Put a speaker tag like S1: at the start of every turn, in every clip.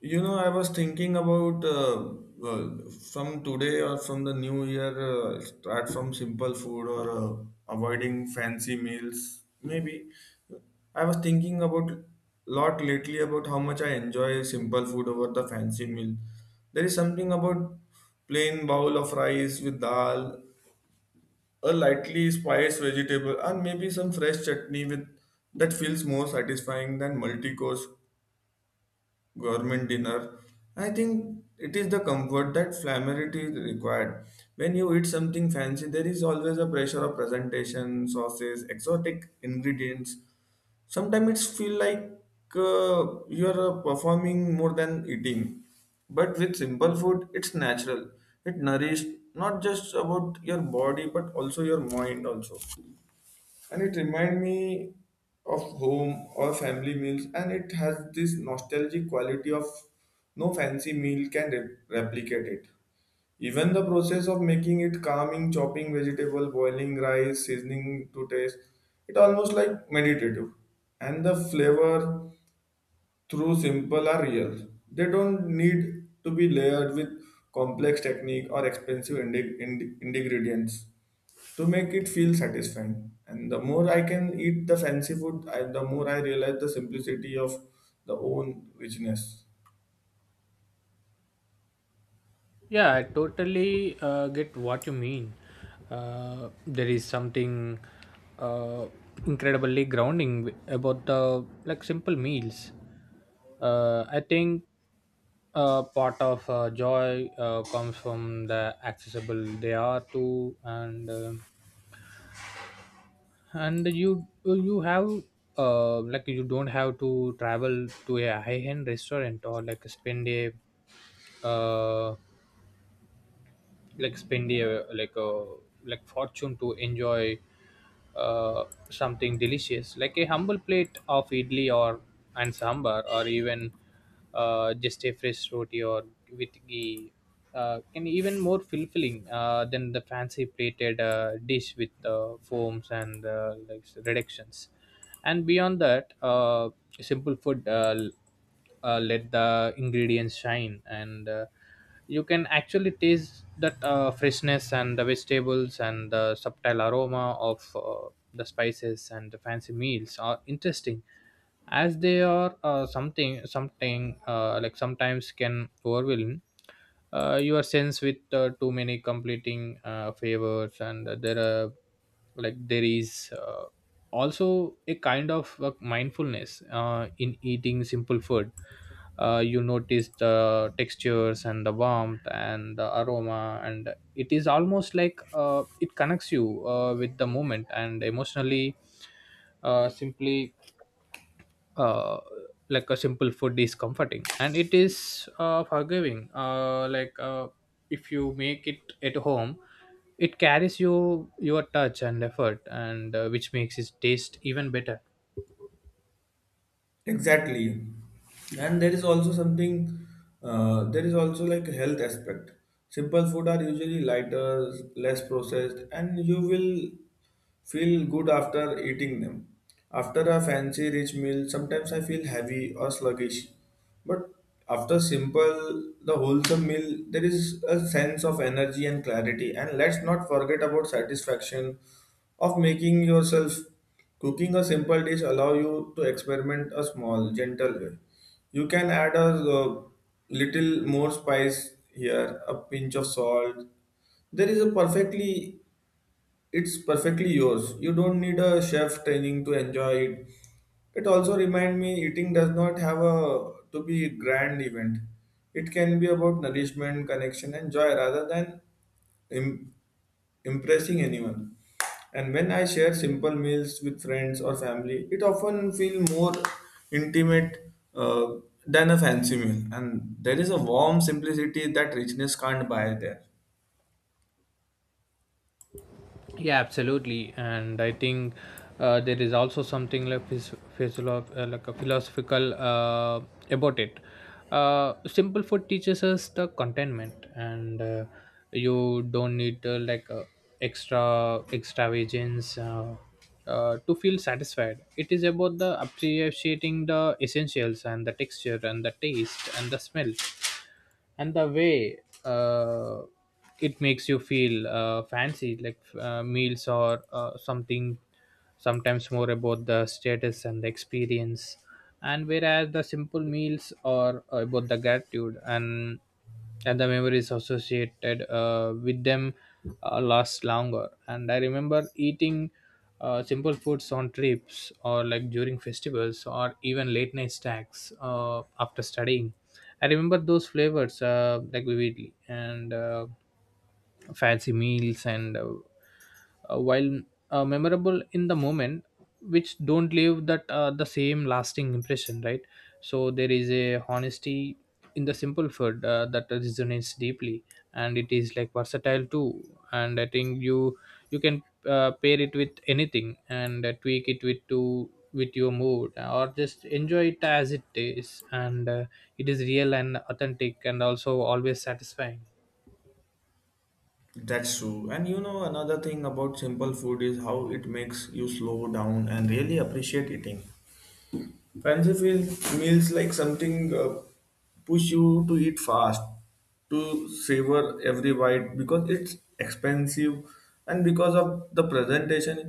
S1: I was thinking about uh, from today or from the new year, start from simple food or avoiding fancy meals. Maybe I was thinking about lot lately about how much I enjoy simple food over the fancy meal. There is something about plain bowl of rice with dal, a lightly spiced vegetable, and maybe some fresh chutney with that feels more satisfying than multi-course government dinner. I think it is the comfort that familiarity required. When you eat something fancy, there is always a pressure of presentation, sauces, exotic ingredients. Sometimes it's feel like you are performing more than eating. But with simple food, it's natural. It nourishes not just about your body but also your mind also, and it reminds me of home or family meals, and it has this nostalgic quality of no fancy meal can replicate it. Even the process of making it calming, chopping vegetable, boiling rice, seasoning to taste, it almost like meditative. And the flavor through simple are real. They don't need to be layered with complex technique or expensive ingredients to make it feel satisfying. And the more I can eat the fancy food the more I realize the simplicity of the own richness.
S2: Yeah, I totally get what you mean. There is something uh, incredibly grounding about the like simple meals. I think part of joy comes from the accessible they are to, and you have like you don't have to travel to a high end restaurant or like spend a uh, like spend a like a like fortune to enjoy something delicious like a humble plate of idli or and sambar or even just a fresh roti or with ghee can even more fulfilling than the fancy plated dish with foams and like reductions. And beyond that, simple food let the ingredients shine, and you can actually taste that freshness and the vegetables and the subtle aroma of the spices, and the fancy meals are interesting as they are, something like sometimes can overwhelm your sense with too many completing favors. And there are like there is also a kind of mindfulness in eating simple food. You notice the textures and the warmth and the aroma, and it is almost like it connects you with the moment. And emotionally, simply, uh, like a simple food is comforting, and it is forgiving. If you make it at home, it carries you your touch and effort, and which makes it taste even better.
S1: Exactly. And there is also something, there is also like a health aspect. Simple food are usually lighter, less processed, and you will feel good after eating them. After a fancy rich meal, sometimes I feel heavy or sluggish. But after simple, the wholesome meal, there is a sense of energy and clarity. And let's not forget about satisfaction of making yourself. Cooking a simple dish allow you to experiment a small, gentle way. You can add a uh, little more spice here, a pinch of salt. There is a perfectly it's perfectly yours. You don't need a chef training to enjoy it. It also reminds me eating does not have a to be a grand event. It can be about nourishment, connection, and joy rather than im- impressing anyone. And when I share simple meals with friends or family, it often feels more intimate than a fancy meal. And there is a warm simplicity that richness can't buy there.
S2: Yeah, absolutely, and I think there is also something like like a philosophical, about it. Simple food teaches us the contentment, and you don't need extravagance, to feel satisfied. It is about the appreciating the essentials and the texture and the taste and the smell and the way uh, it makes you feel. Fancy like meals or something sometimes more about the status and the experience, and whereas the simple meals are about the gratitude and the memories associated with them last longer. And I remember eating simple foods on trips or like during festivals or even late night snacks after studying. I remember those flavors like vividly, and fancy meals, and while memorable in the moment, which don't leave that the same lasting impression, right? So there is a honesty in the simple food that resonates deeply, and it is like versatile too. And I think you can pair it with anything, and tweak it with to with your mood or just enjoy it as it is, and it is real and authentic and also always satisfying.
S1: That's true. And you know, another thing about simple food is how it makes you slow down and really appreciate eating. Fancy meals like something push you to eat fast, to savor every bite because it's expensive and because of the presentation.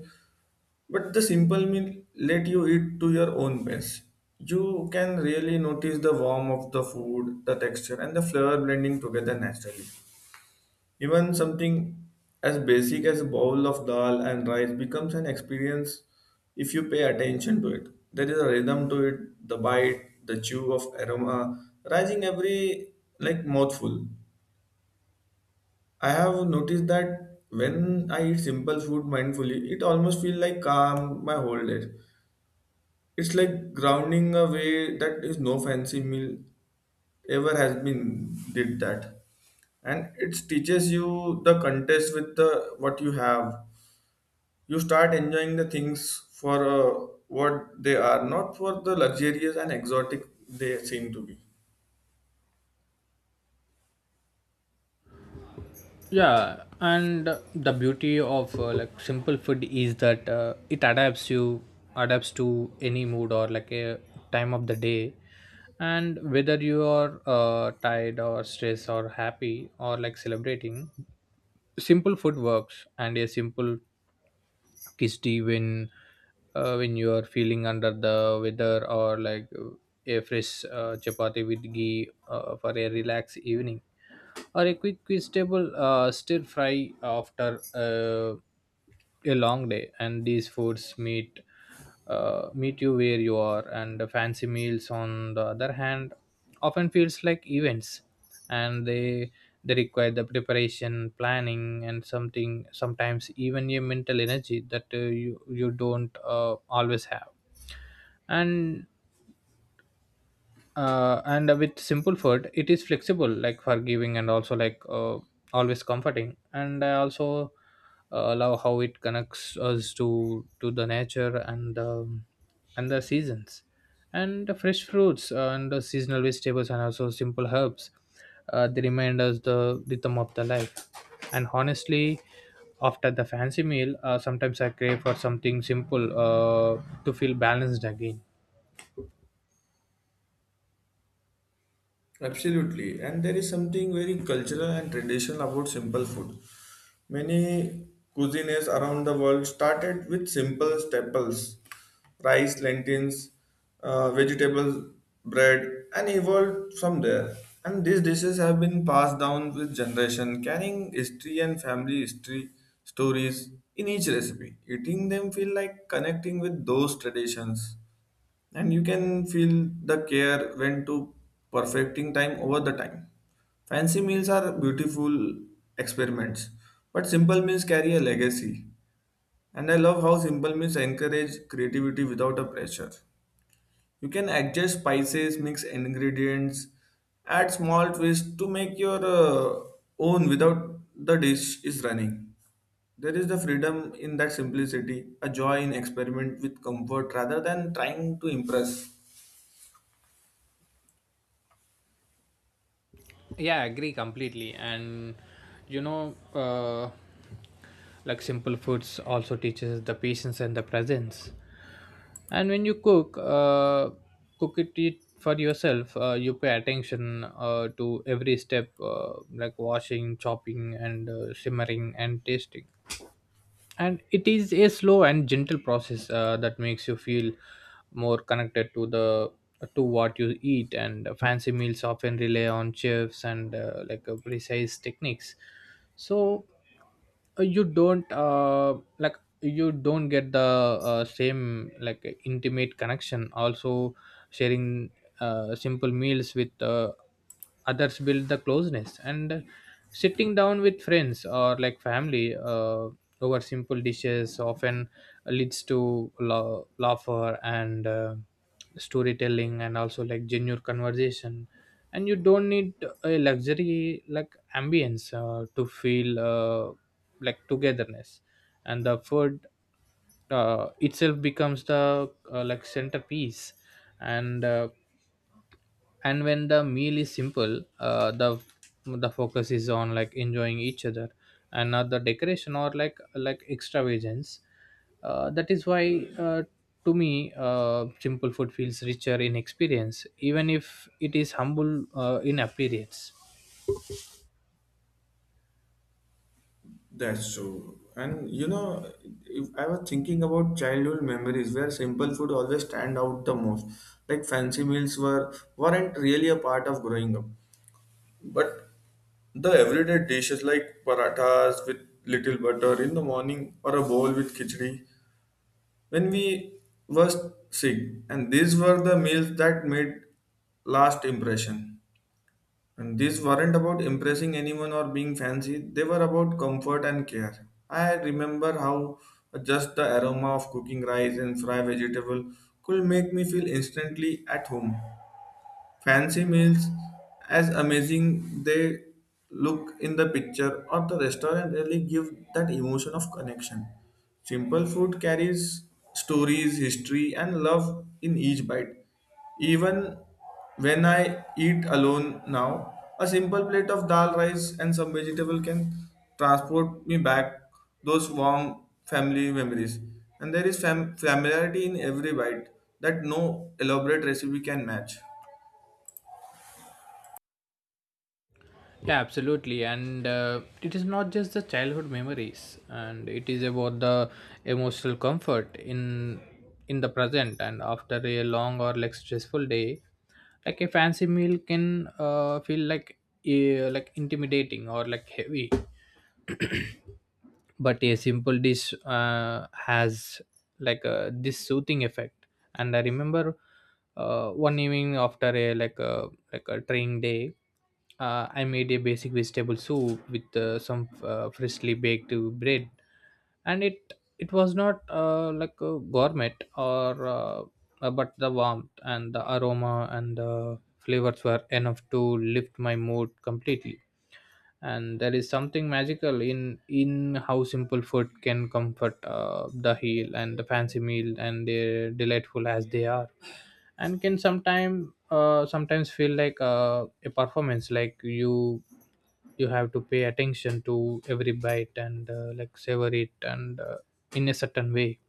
S1: But the simple meal let you eat to your own pace. You can really notice the warmth of the food, the texture, and the flavor blending together naturally. Even something as basic as a bowl of dal and rice becomes an experience if you pay attention to it. There is a rhythm to it, the bite, the chew of aroma rising every like mouthful. I have noticed that when I eat simple food mindfully, it almost feels like calm my whole day. It's like grounding a way that is no fancy meal ever has been did that, and it teaches you the contest with the what you have. You start enjoying the things for what they are, not for the luxurious and exotic they seem to be.
S2: Yeah, and the beauty of like simple food is that it adapts to any mood or like a time of the day. And whether you are tired or stressed or happy or like celebrating, simple food works. And a simple gusty when you are feeling under the weather, or like a fresh chapati with ghee for a relaxed evening, or a quick vegetable stir fry after a long day. And these foods meet, meet you where you are. And the fancy meals on the other hand often feels like events, and they require the preparation planning, and something sometimes even your mental energy that you don't always have. And and with simple food, it is flexible like forgiving and also like always comforting. And I also love how it connects us to the nature, and the seasons and the fresh fruits and the seasonal vegetables and also simple herbs. They remind us the rhythm of the life. And honestly, after the fancy meal, sometimes I crave for something simple to feel balanced again.
S1: Absolutely. And there is something very cultural and traditional about simple food. Many cuisines around the world started with simple staples, rice, lentils, vegetables, bread, and evolved from there. And these dishes have been passed down with generation, carrying history and family history stories in each recipe. Eating them feel like connecting with those traditions, and you can feel the care went to perfecting time over the time. Fancy meals are beautiful experiments, but simple meals carry a legacy. And I love how simple meals encourage creativity without a pressure. You can adjust spices, mix ingredients, add small twists to make your own without the dish is running. There is the freedom in that simplicity, a joy in experiment with comfort rather than trying to impress.
S2: Yeah, I agree completely. And you know, like simple foods also teaches the patience and the presence. And when you cook, it for yourself. You pay attention to every step, like washing, chopping, and simmering and tasting. And it is a slow and gentle process that makes you feel more connected to the to what you eat. And fancy meals often rely on chefs and precise techniques. So you don't you don't get the same like intimate connection. Also sharing simple meals with others build the closeness. And sitting down with friends or like family over simple dishes often leads to laughter and storytelling and also like genuine conversation. And you don't need a luxury like ambience to feel like togetherness. And the food itself becomes the like centerpiece. And and when the meal is simple, the focus is on like enjoying each other and not the decoration or like extravagance. That is why, uh, to me, simple food feels richer in experience even if it is humble in appearance.
S1: That's true. And you know, if I was thinking about childhood memories where simple food always stand out the most. Like fancy meals were weren't really a part of growing up. But the everyday dishes like parathas with little butter in the morning or a bowl with khichdi when we were sick. And these were the meals that made last impression. And these weren't about impressing anyone or being fancy, they were about comfort and care. I remember how just the aroma of cooking rice and fried vegetable could make me feel instantly at home. Fancy meals, as amazing they look in the picture or the restaurant, really give that emotion of connection. Simple food carries stories, history, and love in each bite. Even when I eat alone now, a simple plate of dal rice and some vegetable can transport me back those warm family memories. And there is familiarity in every bite that no elaborate recipe can match.
S2: Yeah, absolutely. And it is not just the childhood memories, and it is about the emotional comfort in the present, and after a long or like stressful day. Like a fancy meal can feel like intimidating or like heavy, but a simple dish has like this soothing effect. And I remember one evening after a like a like a training day, I made a basic vegetable soup with some freshly baked bread. And it was not like a gourmet or but the warmth and the aroma and the flavors were enough to lift my mood completely. And there is something magical in how simple food can comfort the heel. And the fancy meal, and they're delightful as they are, and can sometimes feel like a performance, like you have to pay attention to every bite and like savor it and in a certain way.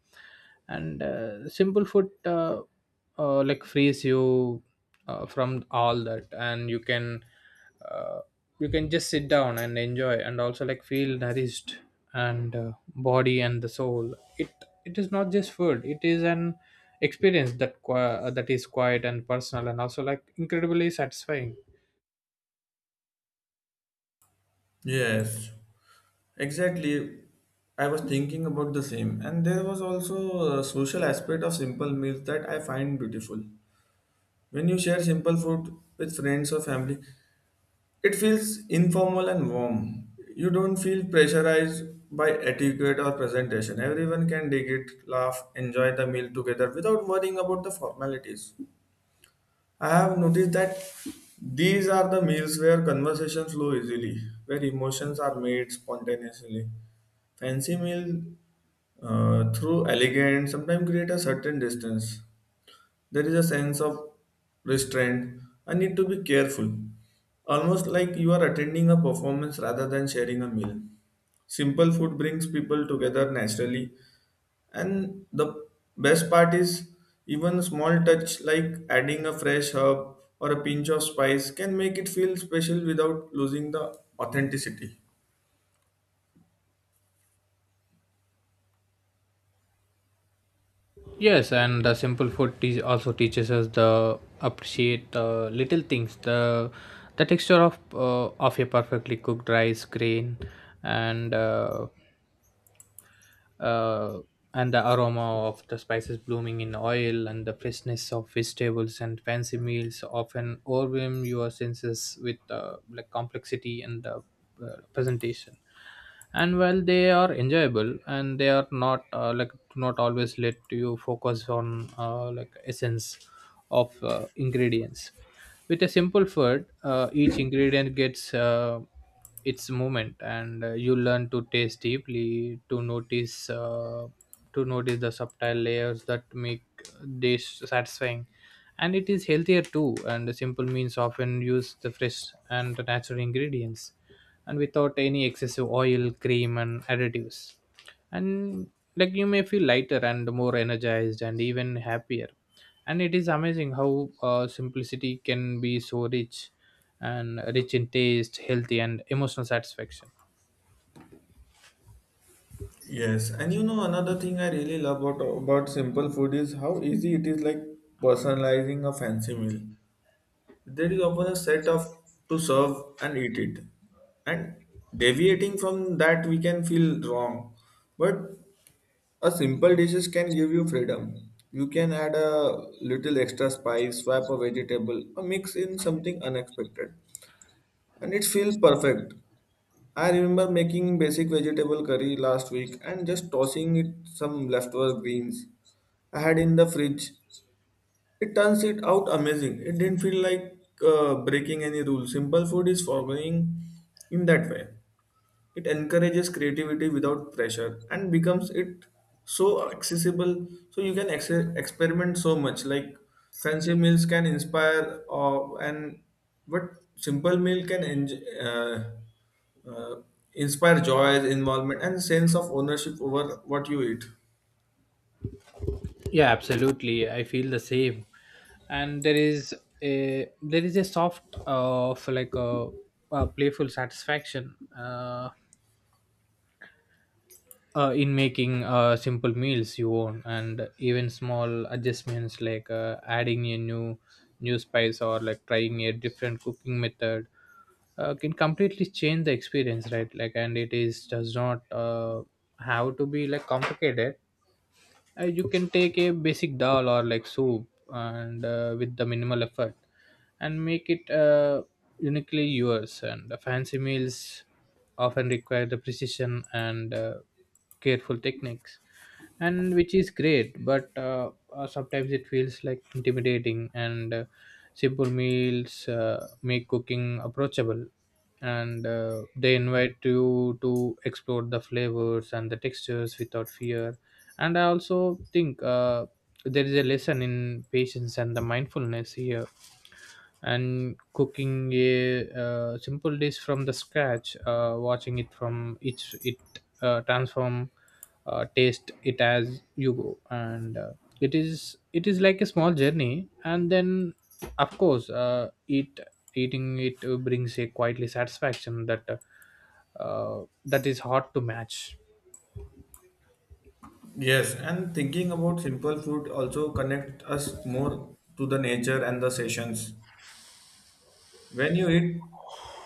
S2: And simple food, like frees you from all that. And uh, you can just sit down and enjoy and also like feel nourished. And body and the soul, it is not just food, it is an experience that that is quiet and personal and also like incredibly satisfying.
S1: Yes, exactly. I was thinking about the same, and there was also a social aspect of simple meals that I find beautiful. When you share simple food with friends or family, it feels informal and warm. You don't feel pressurized by etiquette or presentation. Everyone can dig it, laugh, enjoy the meal together without worrying about the formalities. I have noticed that these are the meals where conversations flow easily, where emotions are made spontaneously. Fancy meal through elegant sometimes create a certain distance. There is a sense of restraint. I need to be careful. Almost like you are attending a performance rather than sharing a meal. Simple food brings people together naturally. And the best part is even a small touch like adding a fresh herb or a pinch of spice can make it feel special without losing the authenticity.
S2: Yes, and the simple food teach also teaches us the appreciate the little things, the texture of a perfectly cooked rice grain, and uh, uh, and the aroma of the spices blooming in oil and the freshness of vegetables. And fancy meals often overwhelm your senses with like complexity and the presentation. And while they are enjoyable, and they are not like do not always let you focus on like essence of ingredients. With a simple food, each ingredient gets its movement, and you learn to taste deeply, to notice to notice the subtle layers that make dish satisfying. And it is healthier too. And the simple means often use the fresh and natural ingredients, and without any excessive oil cream and additives. And like you may feel lighter and more energized and even happier. And it is amazing how simplicity can be so rich, and rich in taste, healthy, and emotional satisfaction.
S1: Yes, and you know another thing I really love about simple food is how easy it is like personalizing a fancy meal. There is often a set of to serve and eat it. And deviating from that we can feel wrong. But a simple dishes can give you freedom. You can add a little extra spice, swap a vegetable, or mix in something unexpected. And it feels perfect. I remember making basic vegetable curry last week and just tossing it some leftover greens I had in the fridge. It turns it out amazing. It didn't feel like breaking any rule. Simple food is forgiving in that way. It encourages creativity without pressure and becomes it so accessible so you can experiment so much. Like fancy meals can inspire and but simple meal can inspire joy involvement and sense of ownership over what you eat.
S2: Yeah, absolutely. I feel the same. And there is a soft of a playful satisfaction, in making simple meals you own. And even small adjustments like adding a new spice or like trying a different cooking method can completely change the experience, right? Like, and it is does not have to be like complicated. You can take a basic dal or like soup and with the minimal effort and make it uniquely yours. And the fancy meals often require the precision and careful techniques, and which is great, but sometimes it feels like intimidating, and simple meals make cooking approachable, and they invite you to explore the flavors and the textures without fear. And I also think there is a lesson in patience and the mindfulness here. And cooking a simple dish from the scratch, watching it from each it transform, taste it as you go, and it is like a small journey, and then of course it eating it brings a quietly satisfaction that that is hard to match.
S1: Yes, and thinking about simple food also connect us more to the nature and the sessions. When you eat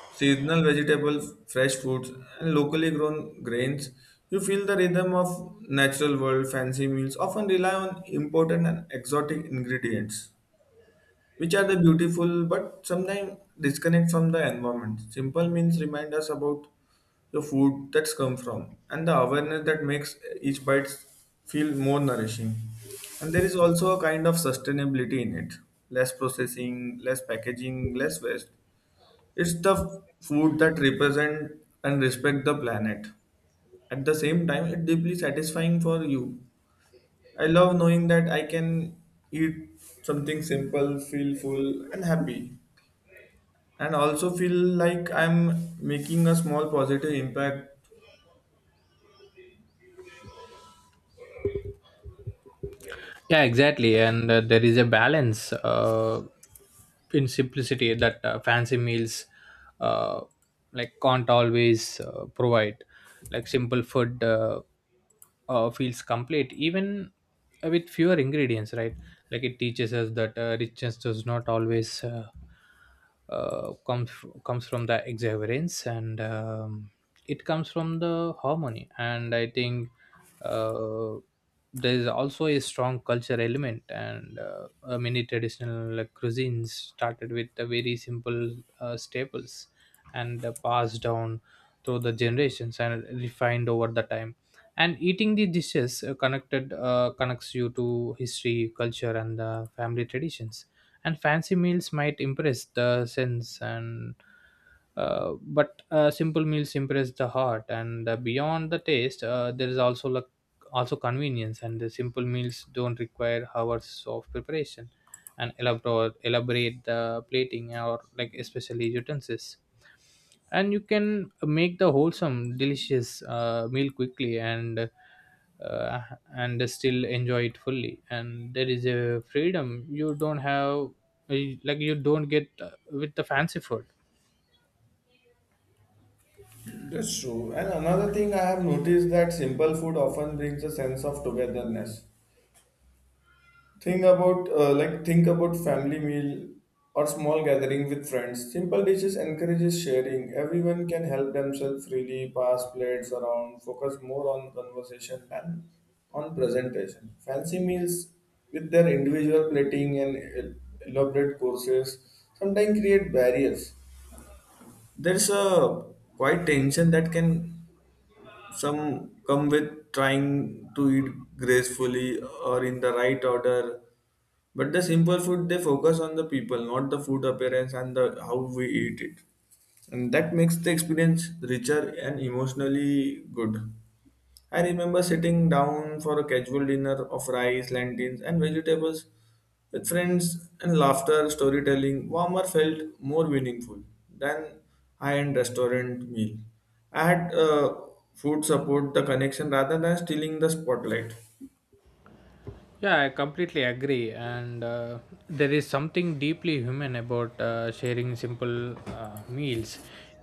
S1: seasonal vegetables, fresh fruits, and locally grown grains, you feel the rhythm of natural world. Fancy meals often rely on imported and exotic ingredients, which are the beautiful but sometimes disconnect from the environment. Simple meals remind us about the food that's come from and the awareness that makes each bite feel more nourishing. And there is also a kind of sustainability in it. Less processing, less packaging, less waste, it's the food that represent and respect the planet. At the same time, it's deeply satisfying for you. I love knowing that I can eat something simple, feel full and happy, and also feel like I'm making a small positive impact.
S2: Yeah, exactly. And there is a balance in simplicity that fancy meals uh, like can't always provide. Like simple food feels complete even with fewer ingredients, right? Like it teaches us that richness does not always uh, comes comes from the exuberance, and it comes from the harmony. And I think uh, there is also a strong culture element, and many traditional like, cuisines started with the very simple staples, and passed down through the generations and refined over the time. And eating these dishes connected connects you to history, culture, and the family traditions. And fancy meals might impress the sense, and but simple meals impress the heart. And beyond the taste, there is also like also convenience. And the simple meals don't require hours of preparation and elaborate the plating or like especially utensils, and you can make the wholesome delicious meal quickly and uh, and still enjoy it fully. And there is a freedom you don't have, like you don't get with the fancy food.
S1: That's true. And another thing I have noticed that simple food often brings a sense of togetherness. Think about like think about family meal or small gathering with friends. Simple dishes encourages sharing. Everyone can help themselves freely, pass plates around, focus more on conversation than on presentation. Fancy meals with their individual plating and elaborate courses sometimes create barriers. There's a quite tension that can some come with trying to eat gracefully or in the right order. But the simple food, they focus on the people, not the food appearance and the how we eat it. And that makes the experience richer and emotionally good. I remember sitting down for a casual dinner of rice, lentils, and vegetables with friends and laughter, storytelling. Warmer felt more meaningful than high-end restaurant meal. I had food support the connection rather than stealing the spotlight.
S2: Yeah, I completely agree. And there is something deeply human about sharing simple meals.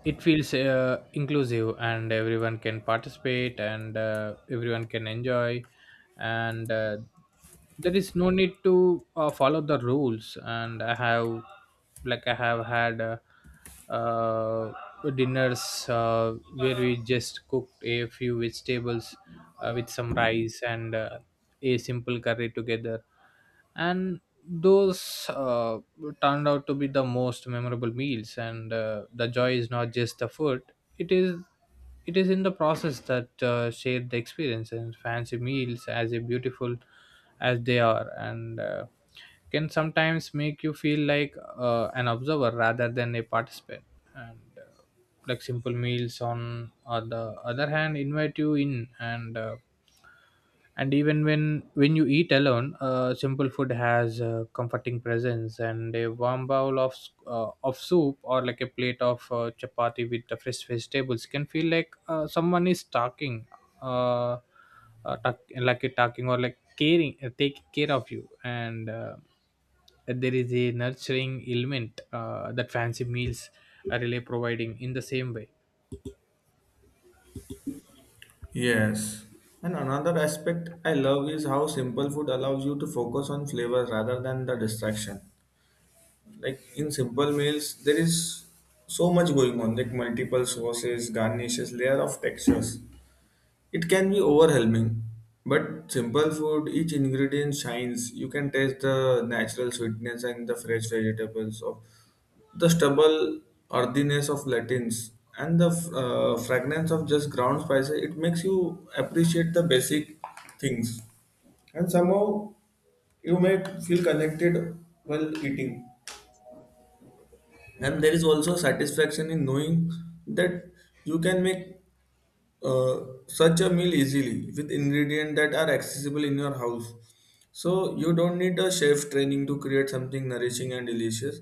S2: It feels inclusive, and everyone can participate, and everyone can enjoy. And there is no need to follow the rules. And I have had uh, dinners where we just cooked a few vegetables with some rice and a simple curry together. And those turned out to be the most memorable meals. And the joy is not just the food, it is it is in the process that shared the experience. And fancy meals as a beautiful as they are, and can sometimes make you feel like an observer rather than a participant. And like simple meals on the other hand invite you in, and even when you eat alone, simple food has a comforting presence. And a warm bowl of of soup or like a plate of chapati with the fresh vegetables can feel like someone is talking, uh, like a talking or like caring, taking care of you. And there is a nurturing element that fancy meals are really providing in the same way.
S1: Yes. And another aspect I love is how simple food allows you to focus on flavors rather than the distraction. Like in simple meals there is so much going on, like multiple sauces, garnishes, layer of textures, it can be overwhelming. But simple food each ingredient shines. You can taste the natural sweetness and the fresh vegetables of the stubble earthiness of latins and the fragrance of just ground spices. It makes you appreciate the basic things. And somehow you may feel connected while eating, and there is also satisfaction in knowing that you can make uh, such a meal easily with ingredients that are accessible in your house. So you don't need a chef training to create something nourishing and delicious.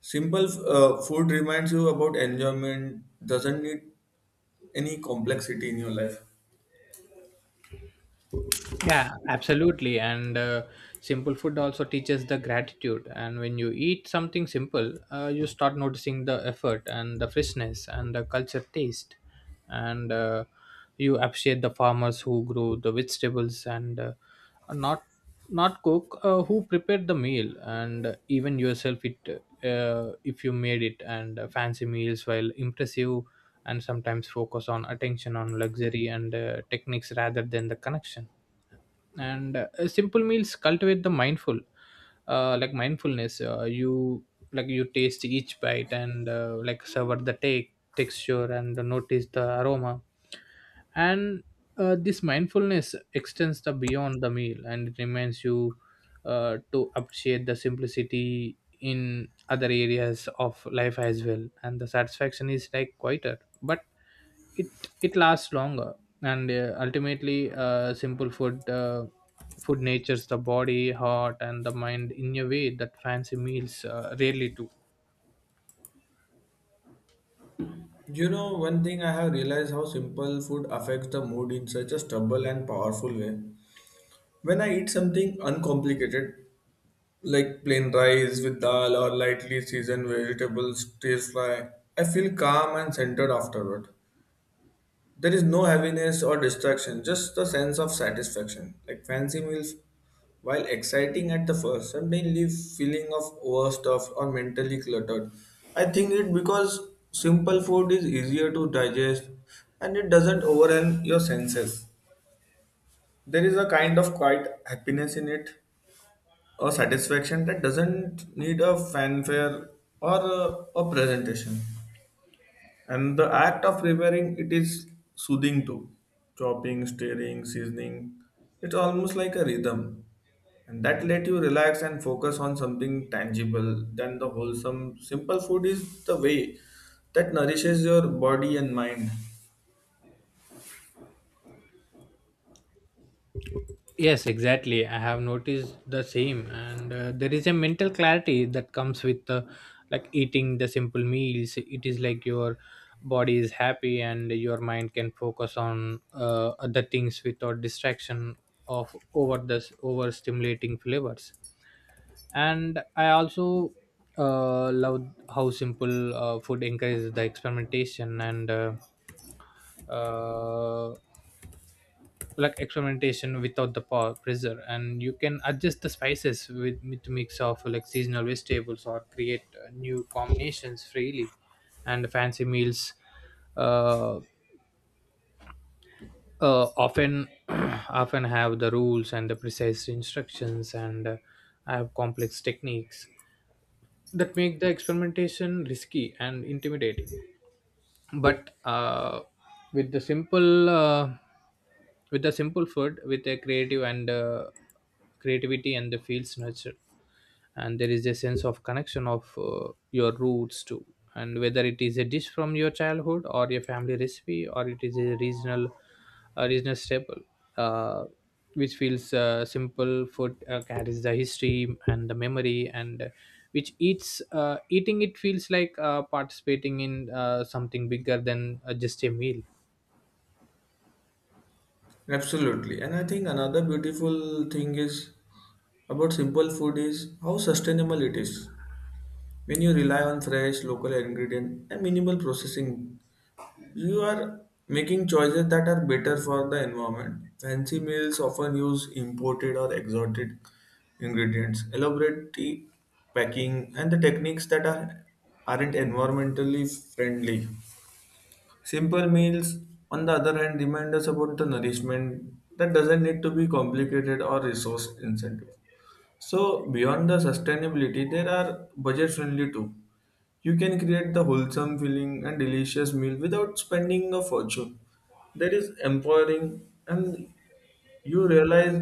S1: Simple food reminds you about enjoyment doesn't need any complexity in your life.
S2: Yeah, absolutely. And simple food also teaches the gratitude. And when you eat something simple, you start noticing the effort and the freshness and the culture taste. And you appreciate the farmers who grow the vegetables, and not not cook who prepared the meal, and even yourself it if you made it. And fancy meals while impressive and sometimes focus on attention on luxury and techniques rather than the connection. And simple meals cultivate the mindful like mindfulness. You like, you taste each bite and like savor the take texture and notice the aroma. And this mindfulness extends the beyond the meal, and it reminds you to appreciate the simplicity in other areas of life as well. And the satisfaction is like quieter, but it it lasts longer. And ultimately simple food food natures the body, heart, and the mind in a way that fancy meals rarely do.
S1: You know, one thing I have realized how simple food affects the mood in such a stubble and powerful way. When I eat something uncomplicated like plain rice with dal or lightly seasoned vegetables tastes fry, I feel calm and centered afterward. There is no heaviness or distraction, just the sense of satisfaction. Like fancy meals, while exciting at the first, suddenly leave feeling of overstuffed or mentally cluttered. I think it because simple food is easier to digest and it doesn't overwhelm your senses. There is a kind of quiet happiness in it, a satisfaction that doesn't need a fanfare or a presentation. And the act of preparing it is soothing too. Chopping, stirring, seasoning. It's almost like a rhythm. And that let you relax and focus on something tangible. Then the wholesome, simple food is the way that nourishes your body and mind.
S2: Yes, exactly. I have noticed the same. And there is a mental clarity that comes with like eating the simple meals. It is like your body is happy and your mind can focus on other things without distraction of over the over stimulating flavors. And I also love how simple food encourages the experimentation, and uh, like experimentation without the power pressure. And you can adjust the spices with mix of like seasonal vegetables or create new combinations freely. And fancy meals uh, often often have the rules and the precise instructions, and have complex techniques that make the experimentation risky and intimidating. But with the simple uh, with the simple food with a creative and creativity and the fields nurture. And there is a sense of connection of your roots too. And whether it is a dish from your childhood or your family recipe, or it is a regional staple uh, which feels simple. Food carries the history and the memory, and which eats eating it feels like participating in something bigger than just a meal.
S1: Absolutely. And I think another beautiful thing is about simple food is how sustainable it is. When you rely on fresh local ingredient and minimal processing, you are making choices that are better for the environment. Fancy meals often use imported or exotic ingredients, elaborate tea packing, and the techniques that are aren't environmentally friendly. Simple meals, on the other hand, remind us about the nourishment that doesn't need to be complicated or resource incentive. So beyond the sustainability, there are budget friendly too. You can create the wholesome feeling and delicious meal without spending a fortune. That is empowering, and you realize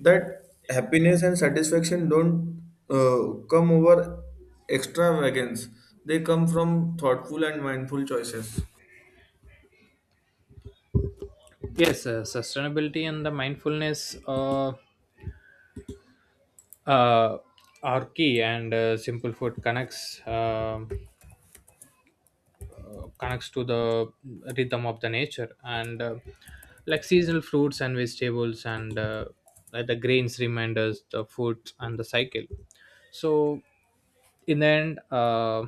S1: that happiness and satisfaction don't come over extravagance. They come from thoughtful and mindful choices.
S2: Yes, sustainability and the mindfulness uh, are key, and simple food connects. Connects to the rhythm of the nature, and like seasonal fruits and vegetables, and like the grains remind us the food and the cycle. So in the end,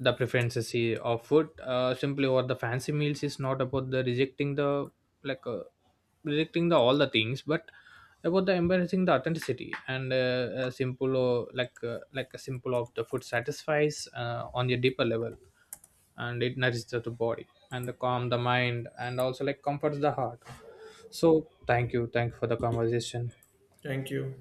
S2: the preferences of food simply over the fancy meals is not about the rejecting the like uh, rejecting the all the things, but about the embracing the authenticity. And a simple or like a simple of the food satisfies on a deeper level, and it nourishes the body and the calm the mind and also like comforts the heart. So thank you for the conversation.
S1: Thank you.